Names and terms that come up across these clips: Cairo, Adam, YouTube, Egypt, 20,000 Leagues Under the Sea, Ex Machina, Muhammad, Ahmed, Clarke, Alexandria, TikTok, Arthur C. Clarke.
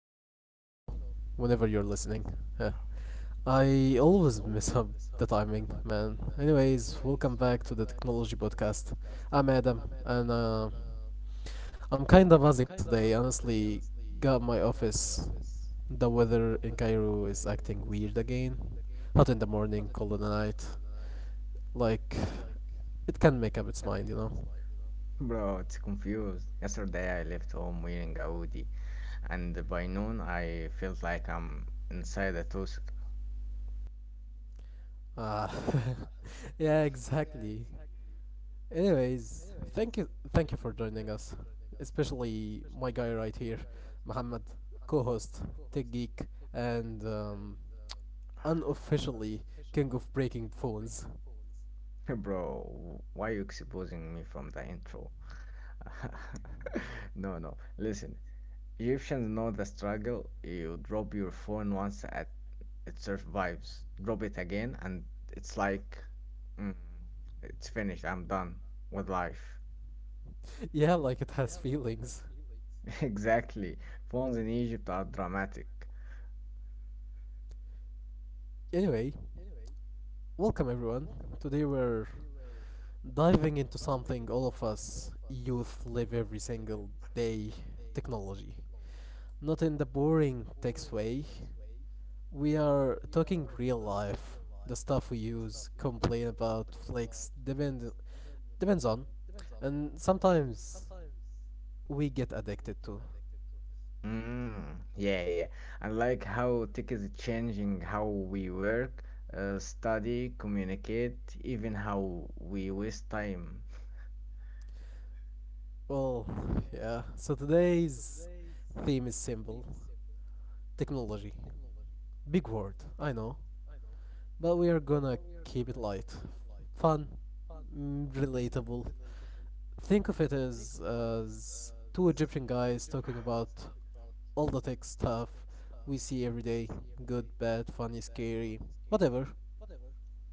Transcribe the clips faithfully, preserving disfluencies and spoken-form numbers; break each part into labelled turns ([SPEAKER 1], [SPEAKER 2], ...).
[SPEAKER 1] or you know, whenever you're listening. Yeah. I always mess up the timing, man. Anyways, welcome back to the Technology Podcast. I'm Adam, and uh, I'm kinda buzzing today, honestly. Got my office. The weather in Cairo is acting weird again. Hot in the morning, cold at night. Like, it can not make up its mind, you know?
[SPEAKER 2] Bro, it's confused. Yesterday I left home wearing a hoodie, and by noon I felt like I'm inside a toaster.
[SPEAKER 1] Ah, yeah, exactly. Anyways, thank you, thank you for joining us, especially my guy right here, Muhammad, co-host, tech geek, and um, unofficially king of breaking phones.
[SPEAKER 2] Bro, why you exposing me from the intro? No, no. Listen, Egyptians know the struggle. You drop your phone once at it survives, drop it again, and it's like, mm, it's finished. I'm done with life.
[SPEAKER 1] yeah, like it has feelings.
[SPEAKER 2] Exactly. Phones in Egypt are dramatic.
[SPEAKER 1] Anyway, welcome everyone. Today we're diving into something all of us youth live every single day: technology. Not in the boring text way, we are talking real life, the stuff we use, complain about, flex, depend, depends on, and sometimes we get addicted to.
[SPEAKER 2] Mm, yeah, yeah. I like how tech is changing how we work, uh, study, communicate, even how we waste time.
[SPEAKER 1] Well, yeah. So today's theme is simple technology. Big word, I know. But we are gonna keep it light, fun, mm, relatable. Think of it as as two Egyptian guys talking about all the tech stuff we see every day. Good, bad, funny, scary, whatever.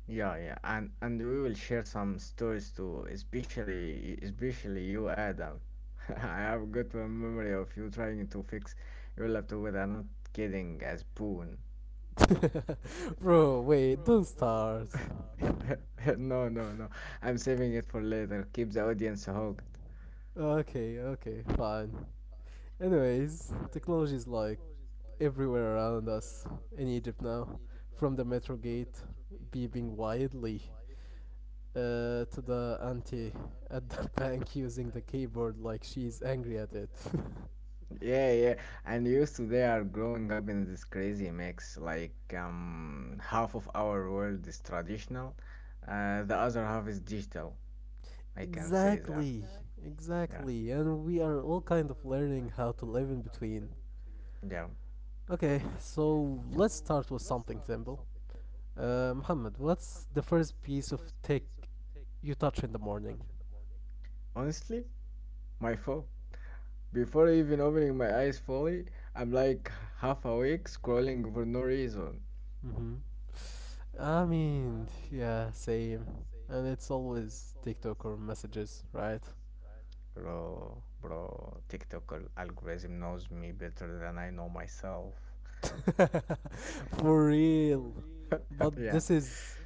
[SPEAKER 2] Yeah, yeah. And and we will share some stories too, especially especially you, Adam. I have a good memory of you trying to fix your laptop with a not kidding as spoon.
[SPEAKER 1] Bro, wait, don't start.
[SPEAKER 2] No, no, no. I'm saving it for later. Keep the audience hooked.
[SPEAKER 1] okay, okay, fine. Anyways, technology is like everywhere around us in Egypt now, from the metro gate beeping wildly uh, to the auntie at the bank using the keyboard like she's angry at it.
[SPEAKER 2] Yeah, yeah. And used to they are growing up in this crazy mix. Like um, half of our world is traditional, uh, the other half is digital. I can say that.
[SPEAKER 1] exactly,
[SPEAKER 2] Yeah,
[SPEAKER 1] exactly. And we are all kind of learning how to live in between.
[SPEAKER 2] yeah.
[SPEAKER 1] Okay, so let's start with something simple. Uh, Muhammad, what's the first piece of tech you touch in the morning?
[SPEAKER 2] Honestly, my phone. Before even opening my eyes fully, I'm like half awake scrolling for no reason.
[SPEAKER 1] Mm-hmm. I mean, yeah, same. And it's always TikTok or messages, right?
[SPEAKER 2] Bro, bro, TikTok al- algorithm knows me better than I know myself.
[SPEAKER 1] For real. But
[SPEAKER 2] Yeah.
[SPEAKER 1] this is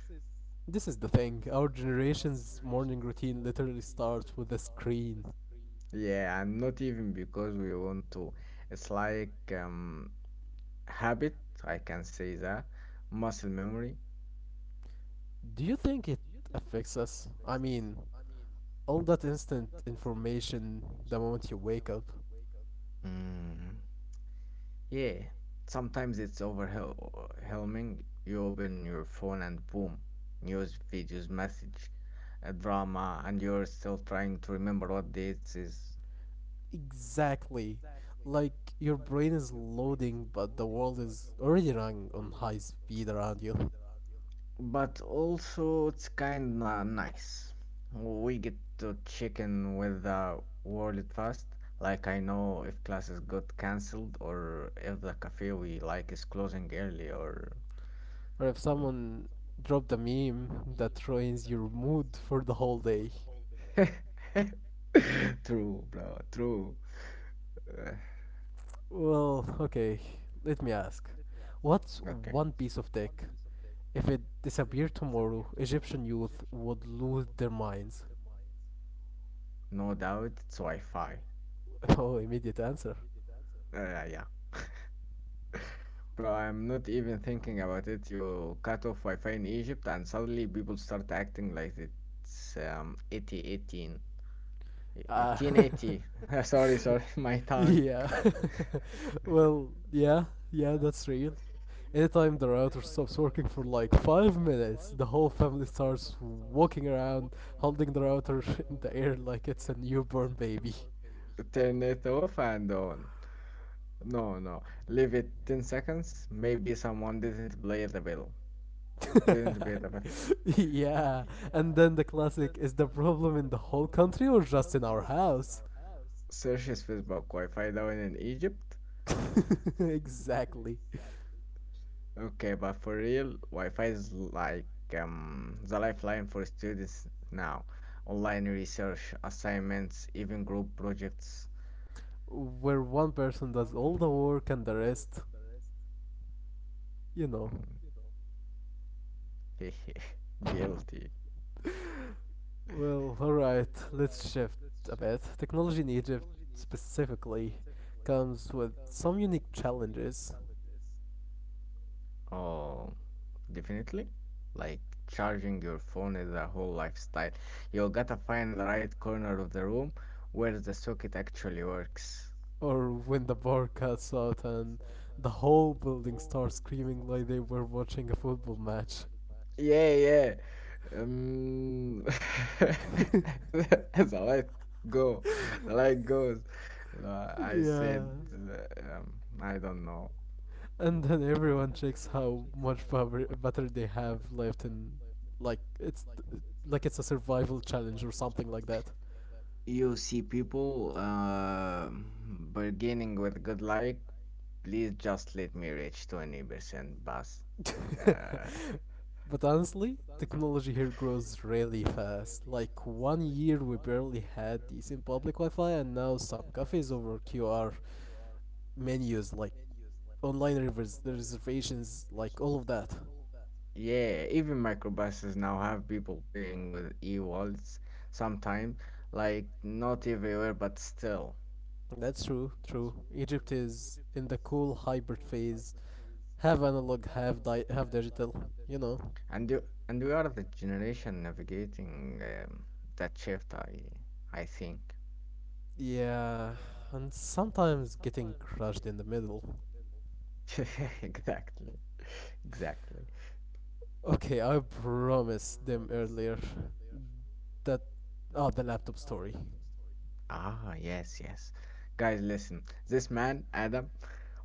[SPEAKER 1] this is the thing. Our generation's morning routine literally starts with a screen.
[SPEAKER 2] Yeah, and not even because we want to. It's like um, habit, I can say that. Muscle memory.
[SPEAKER 1] Do you think it affects us? I mean, all that instant information the moment you wake up.
[SPEAKER 2] Mm, yeah, sometimes it's overwhelming. You open your phone and boom, news, videos, message, a drama, and you're still trying to remember what dates is.
[SPEAKER 1] Exactly. Like your brain is loading, but the world is already running on high speed around you.
[SPEAKER 2] But also it's kinda nice. We get to check in with the world fast. Like I know if classes got cancelled or if the cafe we like is closing early or
[SPEAKER 1] Or if
[SPEAKER 2] Mm.
[SPEAKER 1] someone dropped a meme that ruins your mood for the whole day.
[SPEAKER 2] day. True, bro, true. Uh,
[SPEAKER 1] Well, okay, let me ask. What's
[SPEAKER 2] okay.
[SPEAKER 1] one piece of tech? If it disappeared tomorrow, Egyptian youth would lose their minds.
[SPEAKER 2] No doubt it's Wi-Fi.
[SPEAKER 1] Oh, immediate answer.
[SPEAKER 2] Uh, yeah. Bro, I'm not even thinking about it. You cut off Wi-Fi in Egypt, and suddenly people start acting like it's um 80
[SPEAKER 1] Ah.
[SPEAKER 2] eighteen eighteen eighty. Sorry, sorry, my tongue.
[SPEAKER 1] yeah. well, yeah, yeah, that's real. Anytime the router stops working for like five minutes, the whole family starts walking around holding the router in the air like it's a newborn baby.
[SPEAKER 2] Turn it off and on. No, no, leave it ten seconds. Maybe someone didn't play the bill. Didn't pay the bill.
[SPEAKER 1] yeah, and then the classic is the problem in the whole country or just in our house?
[SPEAKER 2] Searches Facebook Wi-Fi down in Egypt.
[SPEAKER 1] exactly.
[SPEAKER 2] Okay, but for real, Wi-Fi is like um, the lifeline for students now. Online research, assignments, even group projects.
[SPEAKER 1] Where one person does all the work and the rest, you know.
[SPEAKER 2] the rest. Mm. Guilty.
[SPEAKER 1] Well, alright, let's shift a bit. Technology in Egypt specifically comes with some unique challenges.
[SPEAKER 2] Oh, definitely. Like charging your phone is a whole lifestyle. You gotta find the right corner of the room where the socket actually works.
[SPEAKER 1] Or when the bar cuts out and the whole building starts screaming like they were watching a football match.
[SPEAKER 2] Yeah, yeah. Um, the light go, the light goes. Uh, I said,
[SPEAKER 1] yeah.
[SPEAKER 2] yeah. uh, um, I don't know.
[SPEAKER 1] And then everyone checks how much power, butter they have left and like it's like it's a survival challenge or something like that.
[SPEAKER 2] You see people uh, beginning with good like, please just let me reach twenty percent bus.
[SPEAKER 1] but honestly, technology here grows really fast. Like one year we barely had decent public Wi-Fi and now some cafes over Q R menus like online revers- reservations like all of that.
[SPEAKER 2] Yeah, even microbuses now have people paying with e-wallets sometimes, like not everywhere, but still.
[SPEAKER 1] That's true, true. Egypt is in the cool hybrid phase, half analog, half di- half digital, you know.
[SPEAKER 2] And you, and we are the generation navigating um, that shift, I I think.
[SPEAKER 1] Yeah, and sometimes getting crushed in the middle.
[SPEAKER 2] Exactly. Exactly.
[SPEAKER 1] Okay, I promised them earlier that oh, the laptop story.
[SPEAKER 2] Ah, yes, yes. Guys, listen. This man, Adam,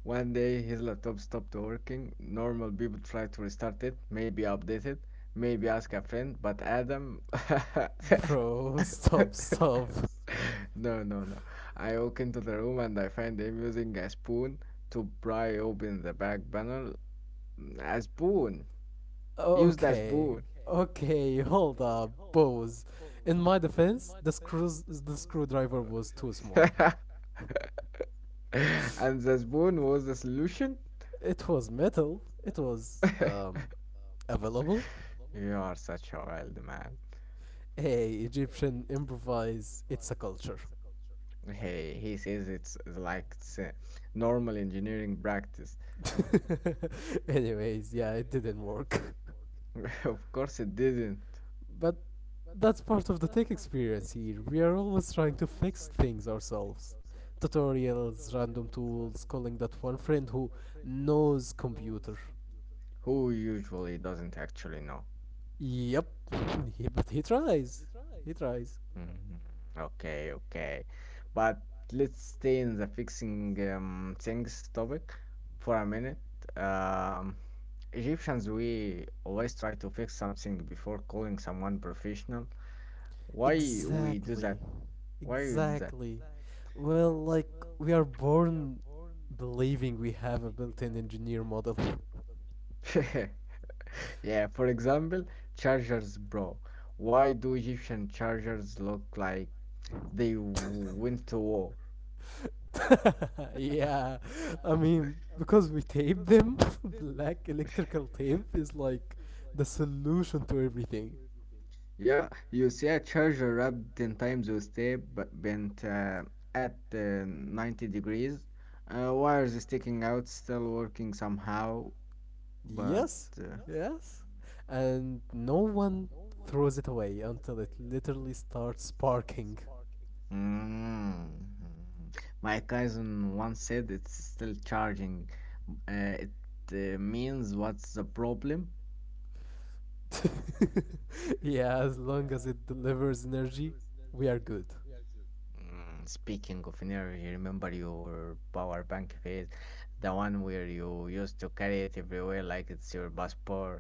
[SPEAKER 2] one day his laptop stopped working. Normal people try to restart it, maybe update it, maybe ask a friend, but Adam. Bro, stop.
[SPEAKER 1] Bro, stop, stop.
[SPEAKER 2] No, no, no. I walk into the room and I find him using a spoon to pry open the back panel. Mm, A spoon! He used a
[SPEAKER 1] Okay,
[SPEAKER 2] spoon.
[SPEAKER 1] okay, hold up, pause. In my defense, the screws the screwdriver was too small.
[SPEAKER 2] Screwdriver. And the spoon was the solution?
[SPEAKER 1] It was metal. It was um, available.
[SPEAKER 2] You are such a wild man.
[SPEAKER 1] Hey, Egyptian improvise. It's a culture.
[SPEAKER 2] He he says it's like it's a normal engineering practice.
[SPEAKER 1] Anyways, yeah, it didn't work.
[SPEAKER 2] Of course it didn't.
[SPEAKER 1] But that's part of the tech experience here. We are always trying to fix things ourselves. Tutorials, random tools, calling that one friend who knows computer.
[SPEAKER 2] Who usually doesn't actually know?
[SPEAKER 1] Yep, but he tries. He tries.
[SPEAKER 2] Mhm. Okay, okay. But let's stay in the fixing um, things topic for a minute. Um, Egyptians, we always try to fix something before calling someone professional. Why we do
[SPEAKER 1] Exactly.
[SPEAKER 2] that? Why we do that?
[SPEAKER 1] Exactly. Well, like, we are born believing we have a built in engineer model.
[SPEAKER 2] Yeah, for example, chargers, bro. Why do Egyptian chargers look like they went to war?
[SPEAKER 1] yeah. I mean, because we tape them, black electrical tape is like the solution to everything.
[SPEAKER 2] Yeah, you see a charger wrapped ten times with tape but bent uh, at uh, ninety degrees, uh, wires sticking out, still working somehow, but
[SPEAKER 1] Yes.
[SPEAKER 2] uh,
[SPEAKER 1] Yes. And no one throws it away until it literally starts sparking.
[SPEAKER 2] mm. My cousin once said it's still charging. Uh, it uh, means what's the problem?
[SPEAKER 1] yeah, as long as it delivers energy, we are good.
[SPEAKER 2] Mm, speaking of energy, remember your power bank phase, the one where you used to carry it everywhere like it's your passport.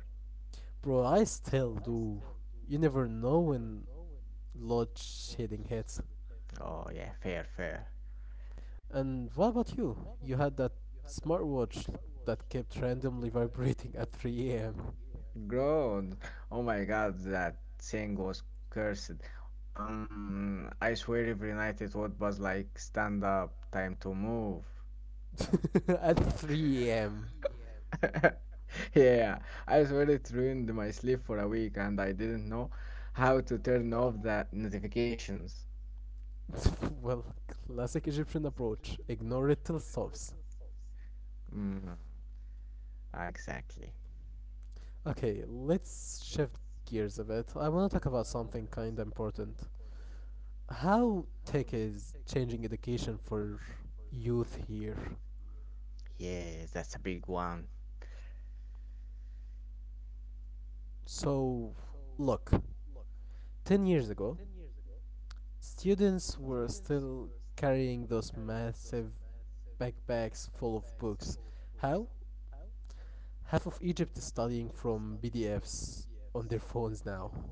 [SPEAKER 1] Bro, I still do. You never know when load shedding hits.
[SPEAKER 2] Oh yeah, fair, fair.
[SPEAKER 1] And what about you? You had that smartwatch that kept randomly vibrating at three a m
[SPEAKER 2] Bro, oh my God, that thing was cursed. Um, I swear every night it would buzz like stand up, time to move.
[SPEAKER 1] at three a m
[SPEAKER 2] three a m Yeah, I swear it ruined my sleep for a week and I didn't know how to turn off the notifications.
[SPEAKER 1] well, classic Egyptian approach. Ignore it till stops.
[SPEAKER 2] Mm, exactly.
[SPEAKER 1] Okay, let's shift gears a bit. I want to talk about something kinda important. How tech is changing education for youth here?
[SPEAKER 2] Yes, that's a big one.
[SPEAKER 1] So, look, ten years ago, students were still carrying those massive backpacks full of books. How? Half of Egypt is studying from P D Fs on their phones now.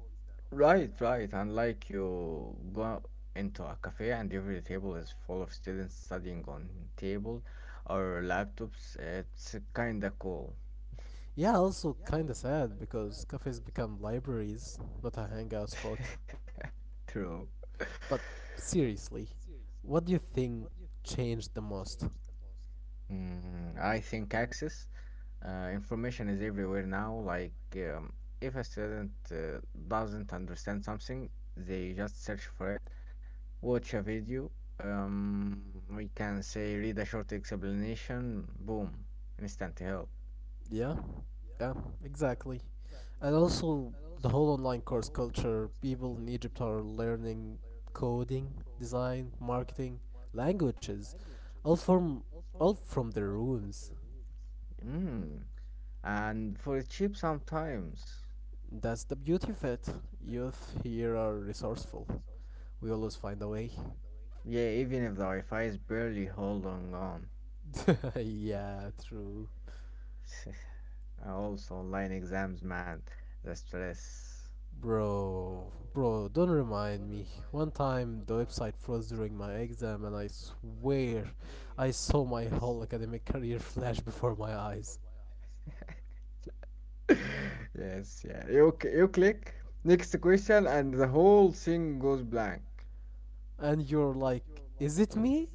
[SPEAKER 2] Right, right. And like you go into a cafe and every table is full of students studying on table or laptops, it's kinda cool.
[SPEAKER 1] Yeah, also kinda sad because cafes become libraries, not a hangout
[SPEAKER 2] Just
[SPEAKER 1] spot.
[SPEAKER 2] classrooms. True.
[SPEAKER 1] But seriously, what do you think changed the most?
[SPEAKER 2] Mm, I think access. Uh, information is everywhere now. Like, um, if a student uh, doesn't understand something, they just search for it, watch a video. Um, we can say read a short explanation. Boom, instant help.
[SPEAKER 1] Yeah, yeah, exactly. And also, the whole online course culture, people in Egypt are learning coding, design, marketing, languages, all from all from their rooms.
[SPEAKER 2] Mm. And for cheap sometimes.
[SPEAKER 1] That's the beauty of it. Youth here are resourceful. We always find a way.
[SPEAKER 2] Yeah, even if the Wi-Fi is barely holding on.
[SPEAKER 1] yeah, true.
[SPEAKER 2] Also, online exams, man, the stress.
[SPEAKER 1] Bro, bro, don't remind me. One time the website froze during my exam, and I swear I saw my whole academic career flash before my eyes.
[SPEAKER 2] Yes, yeah. You c- you click next question and the whole thing goes blank.
[SPEAKER 1] And you're like, is it me?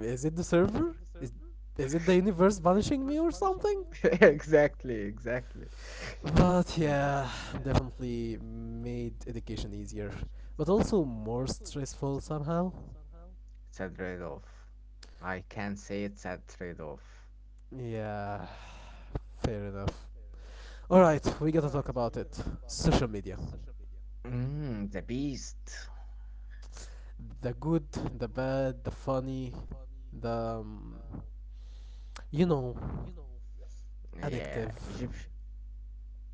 [SPEAKER 1] Is it the server? Is, is it the universe punishing me or something?
[SPEAKER 2] something? Exactly, exactly.
[SPEAKER 1] But
[SPEAKER 2] Mm.
[SPEAKER 1] yeah, definitely made education easier, but also more stressful somehow.
[SPEAKER 2] It's a trade-off. I can say it's a trade-off.
[SPEAKER 1] Yeah, fair enough. Alright, we gotta talk about it. Social media.
[SPEAKER 2] Mm, the beast.
[SPEAKER 1] The good, the bad, the funny, the. Um, you know,
[SPEAKER 2] Yeah,
[SPEAKER 1] addictive.
[SPEAKER 2] Egypt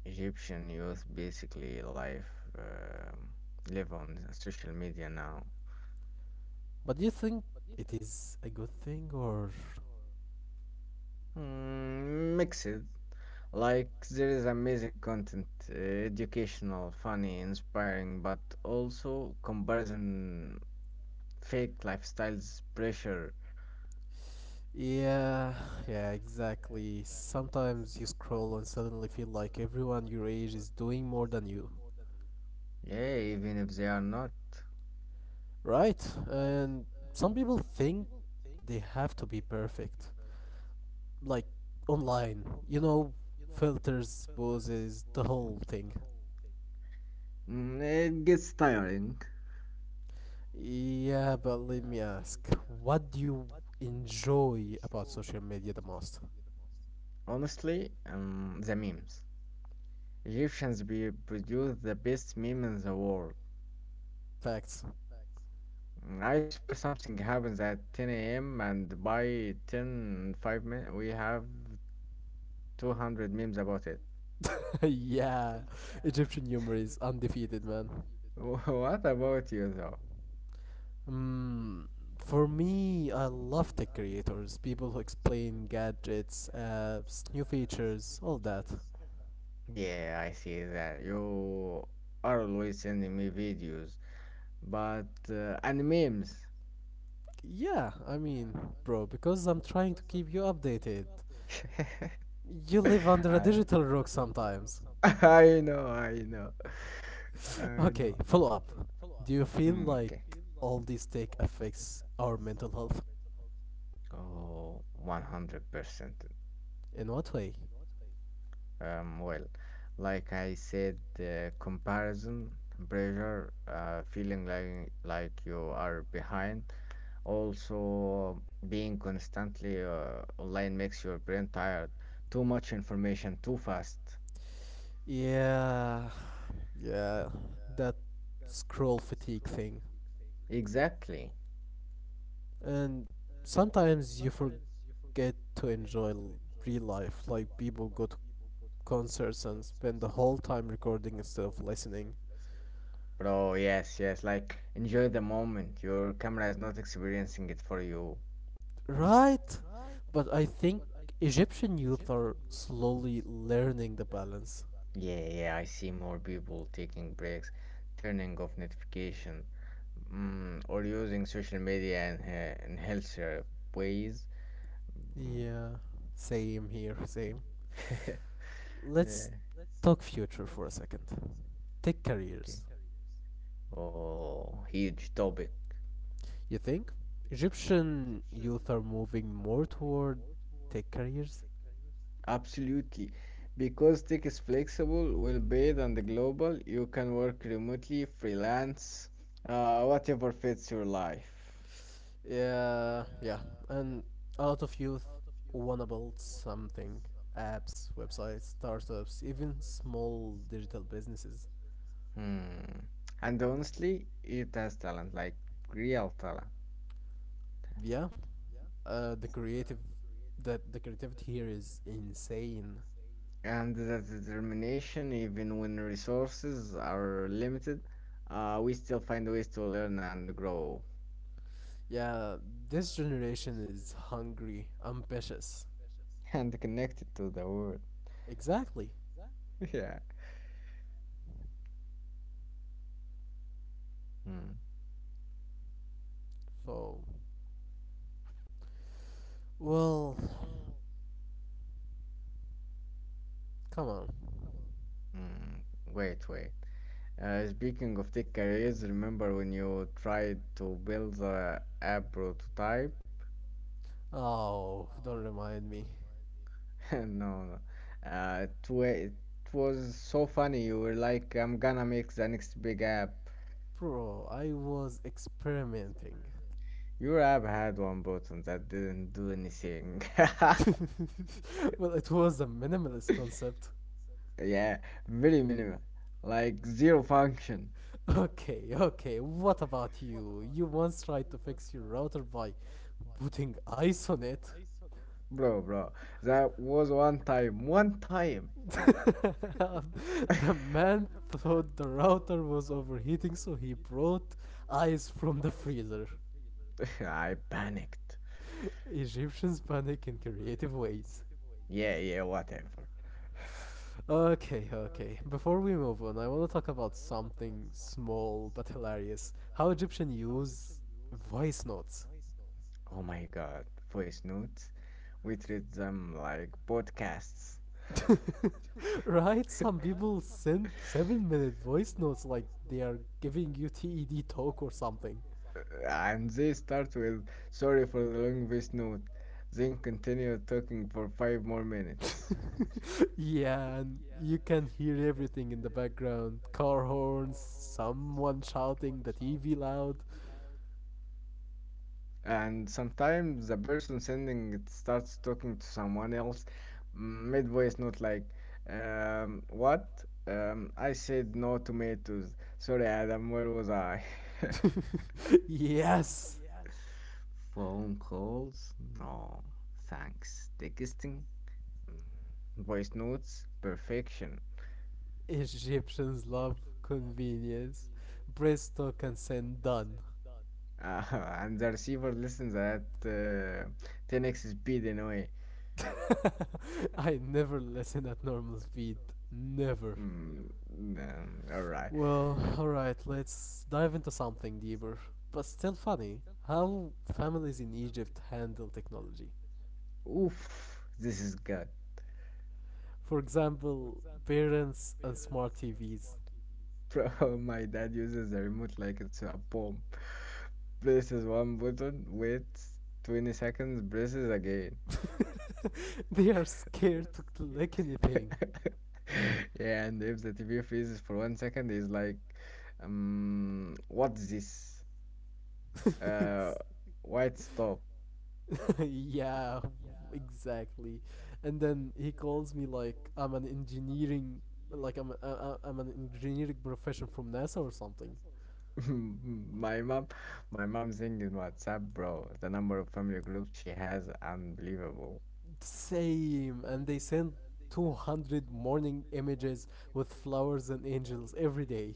[SPEAKER 2] Egyptian youth basically live um live on social media now.
[SPEAKER 1] But do you think it is a good thing or
[SPEAKER 2] Mm, mixed. Like there is amazing content, uh, educational, funny, inspiring, but also comparison, fake lifestyles, pressure.
[SPEAKER 1] yeah, yeah, exactly. Sometimes you scroll and suddenly feel like everyone your age is doing more than you.
[SPEAKER 2] Yeah, even if they are not.
[SPEAKER 1] Right? And some people think they have to be perfect. Like online, you know, filters, poses, the whole thing.
[SPEAKER 2] Mm, it gets tiring.
[SPEAKER 1] Yeah, but let me ask, what do you enjoy about social media the most?
[SPEAKER 2] Honestly, um, the memes. Egyptians be produce the best meme in the world.
[SPEAKER 1] Facts.
[SPEAKER 2] Mm, I swear something happens at ten a m and by ten five minutes we have two hundred memes about it.
[SPEAKER 1] yeah, Egyptian humor is undefeated, man.
[SPEAKER 2] Wh- What about you though?
[SPEAKER 1] Mm, for me, I love tech creators, people who explain gadgets, apps, new features, all that.
[SPEAKER 2] Yeah, I see that you are always sending me videos, but uh, and memes.
[SPEAKER 1] Yeah, I mean, bro, because I'm trying to keep you updated.
[SPEAKER 2] Updated.
[SPEAKER 1] You
[SPEAKER 2] I
[SPEAKER 1] live under a
[SPEAKER 2] I
[SPEAKER 1] digital rock sometimes.
[SPEAKER 2] I know, I know, I
[SPEAKER 1] okay,
[SPEAKER 2] know.
[SPEAKER 1] follow up. Do you feel
[SPEAKER 2] Hmm,
[SPEAKER 1] like
[SPEAKER 2] okay.
[SPEAKER 1] all this tech affects our mental health?
[SPEAKER 2] Oh, one hundred percent.
[SPEAKER 1] In what way?
[SPEAKER 2] Um, well, like I said, uh, comparison, pressure, uh, feeling like like you are behind. Also, being constantly uh, online makes your brain tired. Too much information, too fast.
[SPEAKER 1] Yeah, yeah, that scroll fatigue thing.
[SPEAKER 2] Exactly,
[SPEAKER 1] And sometimes you forget to enjoy l- real life, like people go to concerts and spend the whole time recording instead of listening.
[SPEAKER 2] bro. Yes, yes. Like enjoy the moment. Your camera is not experiencing it for you.
[SPEAKER 1] Right? But I think Egyptian youth are slowly learning the balance.
[SPEAKER 2] Yeah, yeah, I see more people taking breaks, turning off notification, mm, or using social media in uh, and healthier ways. Mm.
[SPEAKER 1] Yeah, same here, same.
[SPEAKER 2] the same here.
[SPEAKER 1] Let's
[SPEAKER 2] Yeah,
[SPEAKER 1] talk future for a second. Tech
[SPEAKER 2] okay.
[SPEAKER 1] careers.
[SPEAKER 2] Oh, huge topic.
[SPEAKER 1] You think Egyptian youth are moving more toward tech careers?
[SPEAKER 2] Absolutely. Because tech is flexible, well-paid, and global, you can work remotely, freelance, uh, whatever fits your life.
[SPEAKER 1] Yeah, yeah. And a lot of youth wanna build something apps, websites, startups, even small digital businesses.
[SPEAKER 2] Hmm. And honestly, it has talent, like real talent.
[SPEAKER 1] Yeah, uh, the creative the, the creativity here is insane.
[SPEAKER 2] And the determination, even when resources are limited, uh, we still find ways to learn and grow.
[SPEAKER 1] Yeah, this generation is hungry, ambitious.
[SPEAKER 2] And connected to the world.
[SPEAKER 1] Exactly.
[SPEAKER 2] Yeah. Hmm.
[SPEAKER 1] So, well, come on.
[SPEAKER 2] Hmm. Wait, wait. Uh, speaking of tech careers, remember when you tried to build the app prototype?
[SPEAKER 1] Oh, don't remind me.
[SPEAKER 2] No, no. Uh, it, wa- it was so funny. You were like, I'm gonna make the next big app.
[SPEAKER 1] Bro, I was experimenting.
[SPEAKER 2] Your app had one button that didn't do anything.
[SPEAKER 1] well, it was a minimalist concept.
[SPEAKER 2] Yeah, very minimal. Like zero function.
[SPEAKER 1] Okay, okay, what about you? You once tried to fix your router by putting ice on it.
[SPEAKER 2] Bro, bro. That was one time. One time.
[SPEAKER 1] the man thought the router was overheating, so he brought ice from the freezer.
[SPEAKER 2] I panicked.
[SPEAKER 1] Egyptians panic in creative ways.
[SPEAKER 2] Yeah, yeah, whatever.
[SPEAKER 1] Okay, okay. Before we move on, I want to talk about something small but hilarious. How Egyptians use voice notes.
[SPEAKER 2] Oh my God, voice notes. We treat them like podcasts.
[SPEAKER 1] right? Some people send seven minute voice notes like they are giving you TED talk or something.
[SPEAKER 2] And they start with, sorry for the long voice note, then continue talking for five more minutes.
[SPEAKER 1] yeah, and you can hear everything in the background car horns, someone shouting, the T V loud.
[SPEAKER 2] And sometimes the person sending it starts talking to someone else mid voice note like, um, what? Um, I said no tomatoes. Sorry, Adam, where was I?
[SPEAKER 1] yes!
[SPEAKER 2] Phone calls? No, thanks. Texting? Mm, Voice notes? Perfection.
[SPEAKER 1] Egyptians love convenience. Presto and send done.
[SPEAKER 2] Uh, and the receiver listens at uh, ten x speed anyway.
[SPEAKER 1] I never listen at normal speed. Never.
[SPEAKER 2] Mm, um, all right.
[SPEAKER 1] Well, alright, let's dive into something deeper, but still funny. How families in Egypt handle technology.
[SPEAKER 2] Oof, this is good.
[SPEAKER 1] For example, parents and smart T Vs.
[SPEAKER 2] Bro, my dad uses the remote like it's a bomb. Presses one button, waits twenty seconds, presses again.
[SPEAKER 1] they are scared to click anything.
[SPEAKER 2] Yeah, and if the T V freezes for one second, he's like, um, what's this? Uh, why it stop?
[SPEAKER 1] yeah, exactly. And then he calls me like I'm an engineering, like I'm a- a- I'm an engineering professor from NASA or something.
[SPEAKER 2] My mom, my mom's in WhatsApp, bro. The number of family groups she has, unbelievable.
[SPEAKER 1] Same, and they send two hundred morning images with flowers and angels every day.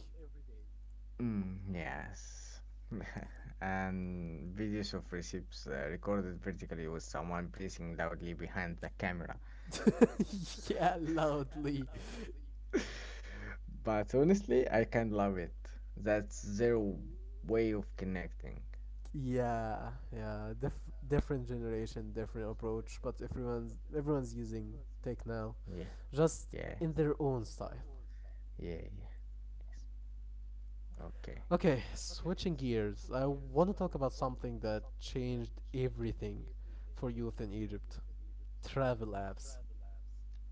[SPEAKER 2] Mm, yes. And videos of recipes uh, recorded vertically with someone breathing loudly behind the camera.
[SPEAKER 1] yeah, loudly.
[SPEAKER 2] But honestly, I can't love it. That's their way of connecting.
[SPEAKER 1] Yeah, yeah. Dif- different generation, different approach, but everyone's everyone's using tech now,
[SPEAKER 2] Yeah,
[SPEAKER 1] just
[SPEAKER 2] yeah, yeah,
[SPEAKER 1] in their own style.
[SPEAKER 2] yeah, yeah. Yes. Okay.
[SPEAKER 1] Okay, switching gears, I want to talk about something that changed everything for youth in Egypt travel apps.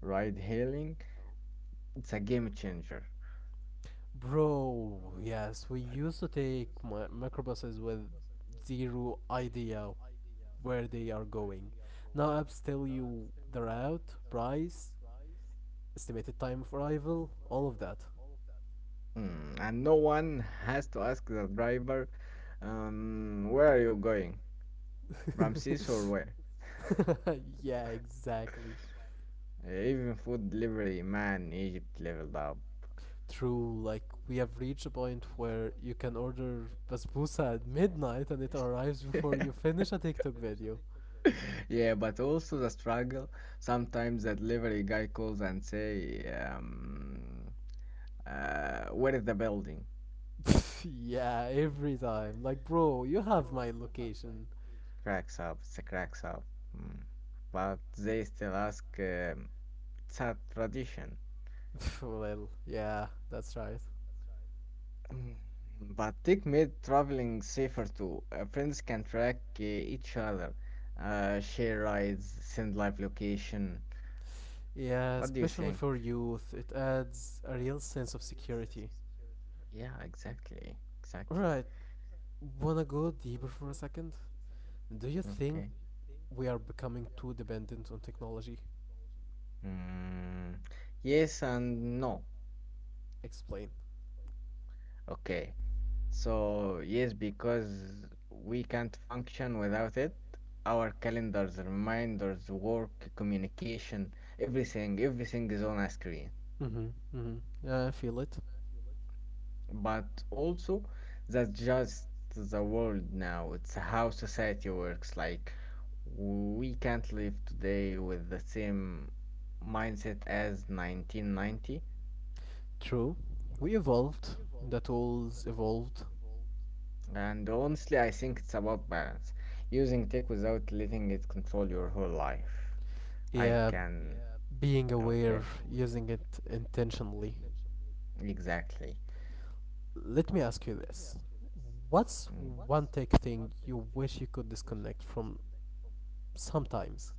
[SPEAKER 2] Ride hailing, it's a game changer.
[SPEAKER 1] Bro, yes, we used to take mi- microbuses with zero idea where they are going. Now apps tell you the route, price, estimated time of arrival, all of that.
[SPEAKER 2] Mm, and no one has to ask the driver, um, where are you going? Ramses or where?
[SPEAKER 1] yeah, exactly.
[SPEAKER 2] Even food delivery, man, Egypt leveled up.
[SPEAKER 1] True, like we have reached a point where you can order basbousa at midnight and it arrives before you finish a TikTok video.
[SPEAKER 2] Yeah, but also the struggle. Sometimes the delivery guy calls and say, um, uh, where is the building?
[SPEAKER 1] yeah, every time. Like, bro, you have my location.
[SPEAKER 2] Cracks up, it's a cracks up. Mm. But they still ask, um, it's a tradition.
[SPEAKER 1] well, yeah, that's right.
[SPEAKER 2] Mm, But tech made traveling safer too. Uh, friends can track uh, each other, uh, share rides, send live location.
[SPEAKER 1] Yeah,
[SPEAKER 2] What do you
[SPEAKER 1] especially
[SPEAKER 2] think?
[SPEAKER 1] for youth, it adds a real sense of security.
[SPEAKER 2] Yeah, exactly. Exactly.
[SPEAKER 1] Right, wanna go deeper for a second? Do you think
[SPEAKER 2] Okay.
[SPEAKER 1] we are becoming too dependent on technology?
[SPEAKER 2] Think? Mm, yes and no.
[SPEAKER 1] Explain.
[SPEAKER 2] Okay. So, yes, because we can't function without it. Our calendars, reminders, work, communication, everything, everything is on a screen.
[SPEAKER 1] Mm-hmm, mm-hmm. Yeah, I feel it.
[SPEAKER 2] But also, that's just the world now. It's how society works. Like, we can't live today with the same mindset as nineteen ninety.
[SPEAKER 1] True. We evolved. The tools evolved.
[SPEAKER 2] And honestly, I think it's about balance, using tech without letting it control your whole life. I
[SPEAKER 1] Yeah,
[SPEAKER 2] can.
[SPEAKER 1] being aware,
[SPEAKER 2] Okay,
[SPEAKER 1] using it intentionally.
[SPEAKER 2] exactly.
[SPEAKER 1] Let me ask you this. What's one tech thing you wish you could disconnect from sometimes?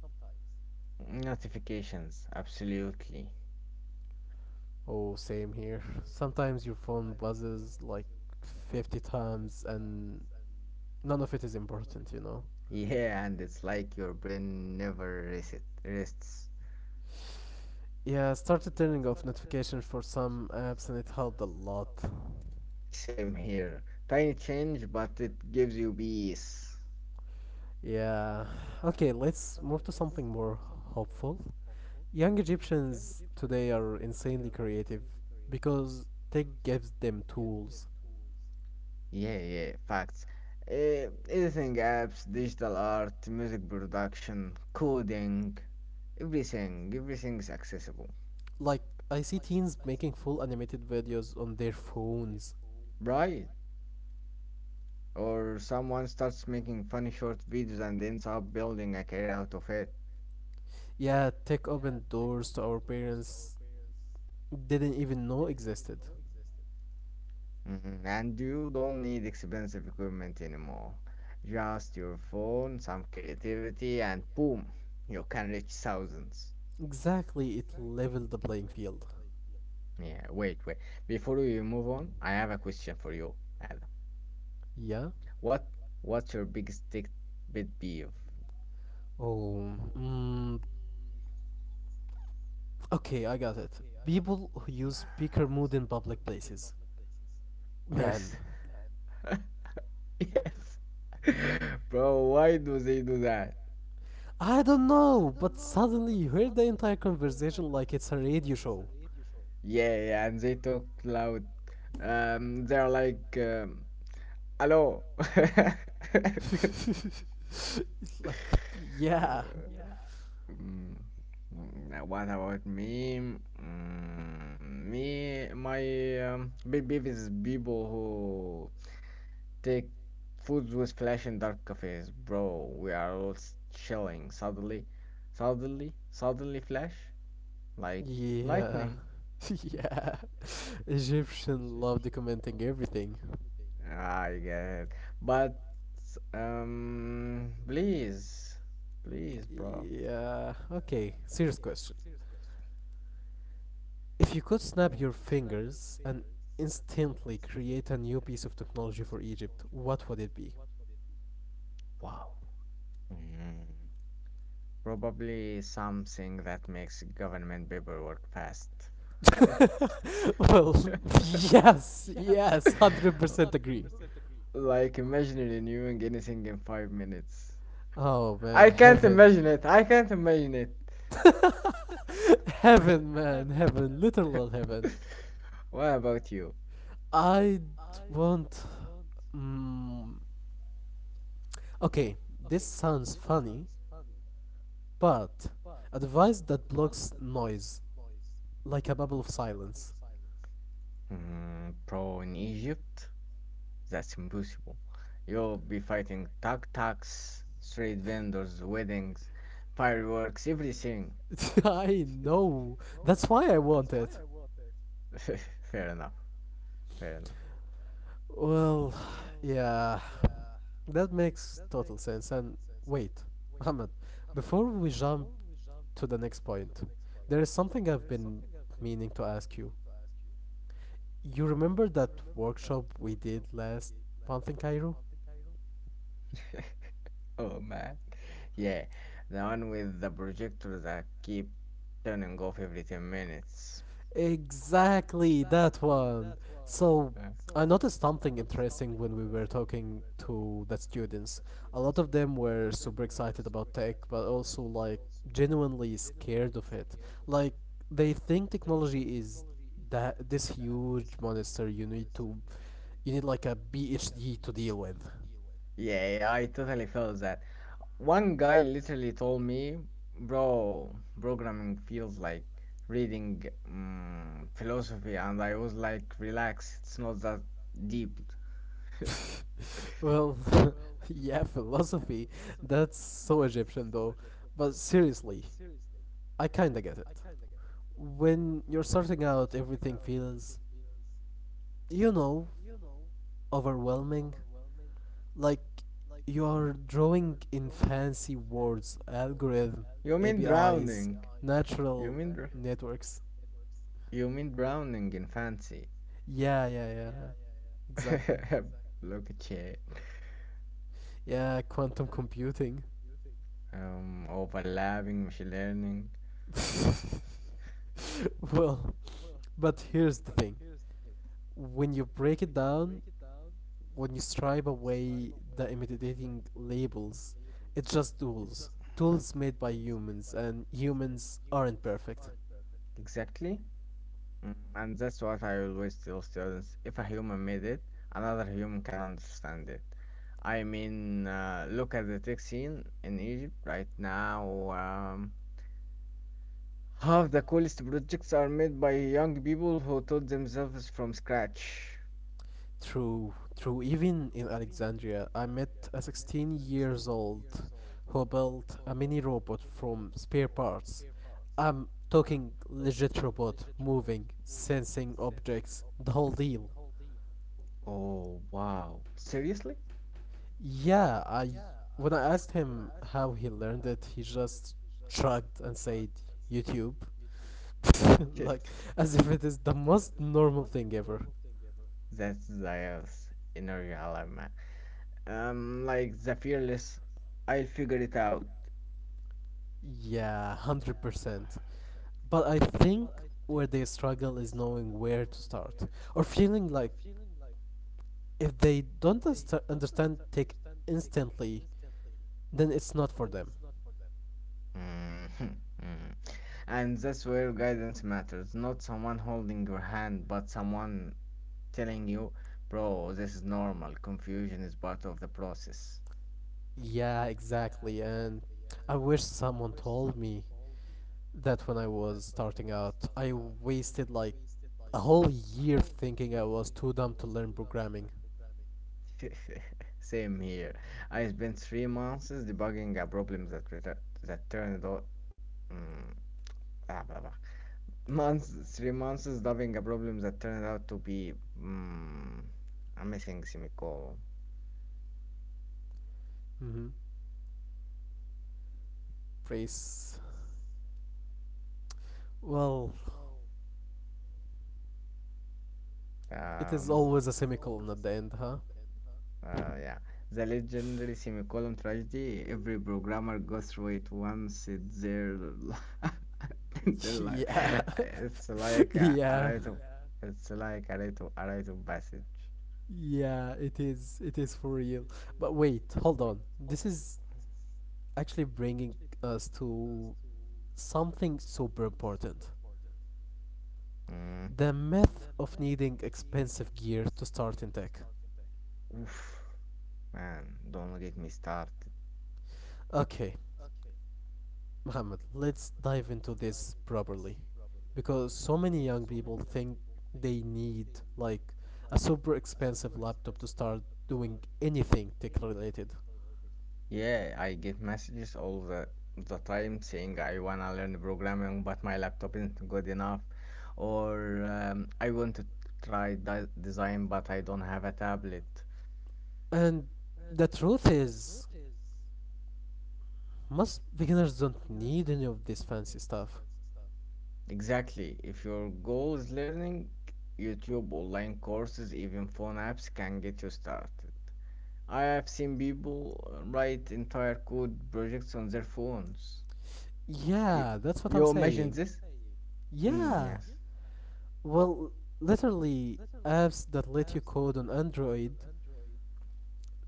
[SPEAKER 2] Mm. Notifications, absolutely.
[SPEAKER 1] Oh, same here. Sometimes your phone buzzes like fifty times and none of it is important, you know.
[SPEAKER 2] Yeah, and it's like your brain never reset, rests.
[SPEAKER 1] Yeah, I started turning off notifications for some apps and it helped a lot.
[SPEAKER 2] Same here. Tiny change, but it gives you peace.
[SPEAKER 1] Yeah. Okay, let's move to something more hopeful. Young Egyptians today are insanely creative because tech gives them tools.
[SPEAKER 2] Yeah, yeah, facts. Uh, editing apps, digital art, music production, coding, everything, everything's accessible.
[SPEAKER 1] Like, I see teens making full animated videos on their phones.
[SPEAKER 2] Right. Or someone starts making funny short videos and ends up building a career out of it.
[SPEAKER 1] Yeah, tech opened doors to our parents didn't even know existed.
[SPEAKER 2] Mhm. And you don't need expensive equipment anymore. Just your phone, some creativity, and boom, you can reach thousands.
[SPEAKER 1] Exactly, it leveled the playing field.
[SPEAKER 2] Yeah, wait, wait. Before we move on, I have a question for you, Adam.
[SPEAKER 1] Yeah?
[SPEAKER 2] What what's your biggest tech pet peeve?
[SPEAKER 1] Oh, mm, okay, I got it. People who use speaker mode in public places. Man,
[SPEAKER 2] First, yes. Bro, why do they do that?
[SPEAKER 1] I don't know, but suddenly you heard the entire conversation like it's a radio show.
[SPEAKER 2] Yeah, yeah, and they talk loud. Um, they're like, um, hello.
[SPEAKER 1] it's like, yeah,
[SPEAKER 2] Uh, Yeah. Mm, mm, what about me? Mm, me, my um, big beef is people who take foods with flash and dark cafes, bro. We are all s- chilling. Suddenly, suddenly, suddenly, flash like
[SPEAKER 1] yeah,
[SPEAKER 2] lightning.
[SPEAKER 1] yeah. Egyptian love documenting everything.
[SPEAKER 2] I get it. But um please. Please, bro.
[SPEAKER 1] Yeah, okay, serious question. If you could snap
[SPEAKER 2] Mm.
[SPEAKER 1] your fingers and instantly create a new piece of technology for Egypt, what would it be?
[SPEAKER 2] Wow. Mm. Probably something that makes government paperwork fast.
[SPEAKER 1] well,
[SPEAKER 2] Yes,
[SPEAKER 1] yes, yes, one hundred percent
[SPEAKER 2] one
[SPEAKER 1] agree.
[SPEAKER 2] like imaginary doing anything in five minutes.
[SPEAKER 1] Oh
[SPEAKER 2] I
[SPEAKER 1] man,
[SPEAKER 2] can't
[SPEAKER 1] heaven.
[SPEAKER 2] imagine it. I can't imagine it.
[SPEAKER 1] Heaven, man, heaven, literal heaven.
[SPEAKER 2] What about you?
[SPEAKER 1] I want. Mm, okay, this sounds funny, but a device that blocks noise, like a bubble of silence.
[SPEAKER 2] Mm, bro, in Egypt, that's impossible. You'll be fighting tuk tuks, street vendors, weddings, fireworks, everything.
[SPEAKER 1] I know. That's why I want it.
[SPEAKER 2] Fair enough, fair enough.
[SPEAKER 1] Well, yeah. That makes total sense. And wait, Ahmed, before we jump to the next point, there is something I've been meaning to ask you. You remember that workshop we did last month in Cairo?
[SPEAKER 2] Oh man. Yeah, the one with the projector that keep turning off every ten minutes.
[SPEAKER 1] Exactly that one. So
[SPEAKER 2] Yeah.
[SPEAKER 1] I
[SPEAKER 2] So
[SPEAKER 1] noticed something interesting when we were talking to the students. A lot of them were super excited about tech, but also like genuinely scared of it. Like they think technology is that this huge monster you need to you need like a PhD to deal with.
[SPEAKER 2] yeah, yeah, I totally felt that. One guy literally told me, bro, programming feels like reading mm, philosophy, and I was like, relax, it's not that deep.
[SPEAKER 1] Well, yeah, philosophy. That's so Egyptian though. But seriously, I kinda get it. When you're starting out, everything feels, you know, overwhelming. Like you are drawing in fancy words, algorithm,
[SPEAKER 2] You mean
[SPEAKER 1] A P Is,
[SPEAKER 2] drowning? You
[SPEAKER 1] natural
[SPEAKER 2] mean dr-
[SPEAKER 1] networks.
[SPEAKER 2] you mean drowning in fancy?
[SPEAKER 1] Yeah, yeah, yeah. yeah. Exactly.
[SPEAKER 2] Look at you.
[SPEAKER 1] Yeah, quantum computing.
[SPEAKER 2] Um, overlapping machine learning.
[SPEAKER 1] well, but here's the thing. When you break it down, when you stripe away the intimidating labels, it's just tools. Tools made by humans, and humans aren't perfect.
[SPEAKER 2] Exactly. Mm, And that's what I always tell students. If a human made it, another human can understand it. I mean, uh, look at the tech scene in Egypt right now. Um, half the coolest projects are made by young people who taught themselves from scratch.
[SPEAKER 1] True, true. Even in Alexandria, I met a sixteen years old who built a mini robot from spare parts. I'm talking legit robot, moving, sensing objects, the whole deal.
[SPEAKER 2] Oh, wow. Seriously?
[SPEAKER 1] Yeah, I when I asked him how he learned it, he just shrugged and said YouTube. like as if it is the most normal thing ever.
[SPEAKER 2] That's Zaya's inner dilemma. Um, like the fearless, I'll figure it out.
[SPEAKER 1] Yeah, one hundred percent. But I think where they struggle is knowing where to start or feeling like if they don't unst- understand tech instantly, then it's not for them.
[SPEAKER 2] Mhm, mhm. And that's where guidance matters. Not someone holding your hand, but someone telling you, bro, this is normal. Confusion is part of the process.
[SPEAKER 1] Yeah, exactly. And I wish someone told me that when I was starting out, I wasted like a whole year thinking I was too dumb to learn programming.
[SPEAKER 2] Same here. I spent three months debugging a problem that retur- that turned out. Mm, ah, blah, blah. Months, Three months solving a problem that turned out to be mm, a missing semicolon.
[SPEAKER 1] Mm-hmm. Praise. Well, it is
[SPEAKER 2] Um,
[SPEAKER 1] always a semicolon at the end, huh?
[SPEAKER 2] uh, yeah, the legendary semicolon tragedy. Every programmer goes through it once in their li- In their life.
[SPEAKER 1] yeah.
[SPEAKER 2] It's like a, a
[SPEAKER 1] yeah.
[SPEAKER 2] rite of it's like a rite of a rite of passage.
[SPEAKER 1] Yeah, it is. It is for real. But wait, hold on. This is actually bringing us to something super important,
[SPEAKER 2] Mm,
[SPEAKER 1] the myth of needing expensive gear to start in tech.
[SPEAKER 2] Oof, man, don't get me started.
[SPEAKER 1] Okay, Mohammed, let's dive into this properly because so many young people think they need like a super expensive laptop to start doing anything tech related.
[SPEAKER 2] Yeah, I get messages all the the time saying I wanna learn programming, but my laptop isn't good enough, or um, I want to try di design, but I don't have a tablet.
[SPEAKER 1] And the truth is, most beginners don't need any of this fancy stuff.
[SPEAKER 2] Exactly. If your goal is learning, YouTube, online courses, even phone apps can get you started. I have seen people uh, write entire code projects on their phones. You,
[SPEAKER 1] Yeah, that's what I'm
[SPEAKER 2] you imagine
[SPEAKER 1] saying.
[SPEAKER 2] this? Mm,
[SPEAKER 1] Yeah.
[SPEAKER 2] yes.
[SPEAKER 1] Well, literally apps that let you code on Android.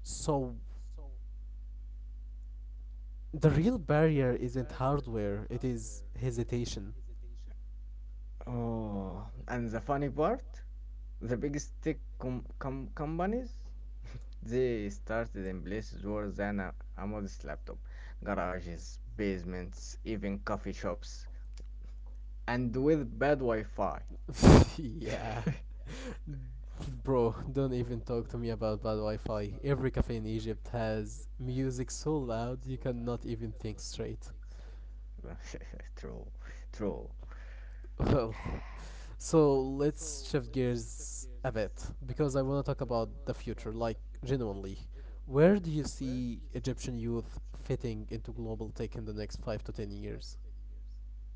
[SPEAKER 1] So the real barrier isn't hardware, it is hesitation.
[SPEAKER 2] Oh, and the funny part? The biggest tech com- com- companies they started in places worse than a, a modest laptop, garages, basements, even coffee shops, and with bad Wi-Fi.
[SPEAKER 1] yeah. Bro, don't even talk to me about bad Wi Fi. Every cafe in Egypt has music so loud you cannot even think straight.
[SPEAKER 2] True, true.
[SPEAKER 1] Well, so let's shift gears a bit because I want to talk about the future, like genuinely. Where do you see Egyptian youth fitting into global tech in the next five to ten years?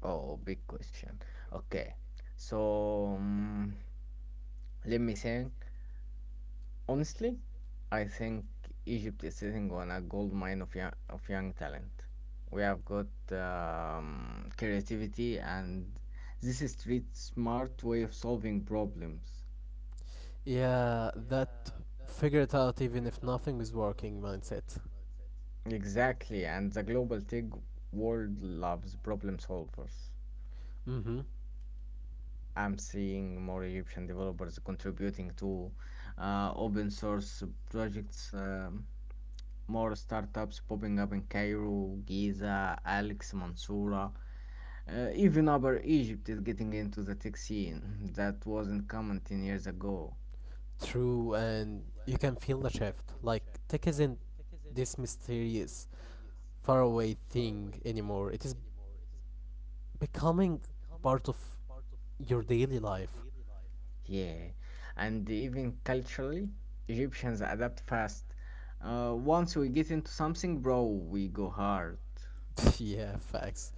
[SPEAKER 2] Oh, big question. Okay, so mm, let me think. Honestly, I think Egypt is sitting on a gold mine of young, of young talent. We have got um, creativity and this is street smart way of solving problems.
[SPEAKER 1] Yeah, that figure it out even if nothing is working mindset.
[SPEAKER 2] Exactly, and the global tech world loves problem solvers.
[SPEAKER 1] Mm-hmm.
[SPEAKER 2] I'm seeing more Egyptian developers contributing to uh, open source projects, um, more startups popping up in Cairo, Giza, Alex, Mansoura. Uh, even Upper Egypt is getting into the tech scene. That wasn't common ten years ago.
[SPEAKER 1] True, and you can feel the shift. Like, tech isn't this mysterious, faraway thing anymore. It is becoming part of your daily life.
[SPEAKER 2] Yeah. And even culturally, Egyptians adapt fast. Uh, once we get into something, bro, we go hard.
[SPEAKER 1] yeah, facts.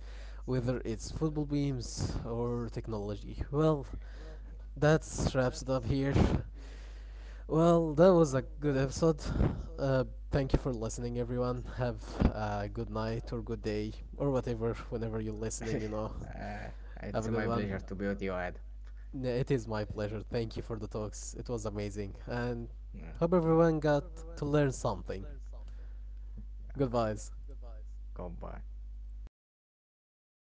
[SPEAKER 1] Whether it's football beams or technology. Well, that wraps it up here. Well, that was a good episode. Uh, Thank you for listening, everyone. Have a good night or good day or whatever, whenever you're listening, you know.
[SPEAKER 2] Mm. uh, it's
[SPEAKER 1] Have a
[SPEAKER 2] my
[SPEAKER 1] good
[SPEAKER 2] pleasure
[SPEAKER 1] one.
[SPEAKER 2] to be with you, Ed.
[SPEAKER 1] Yeah, it is my pleasure. Thank you for the talks. It was amazing. And
[SPEAKER 2] Mm,
[SPEAKER 1] hope
[SPEAKER 2] Okay.
[SPEAKER 1] everyone got to learn something.
[SPEAKER 2] yeah. Uh,
[SPEAKER 1] Goodbyes.
[SPEAKER 2] Goodbye.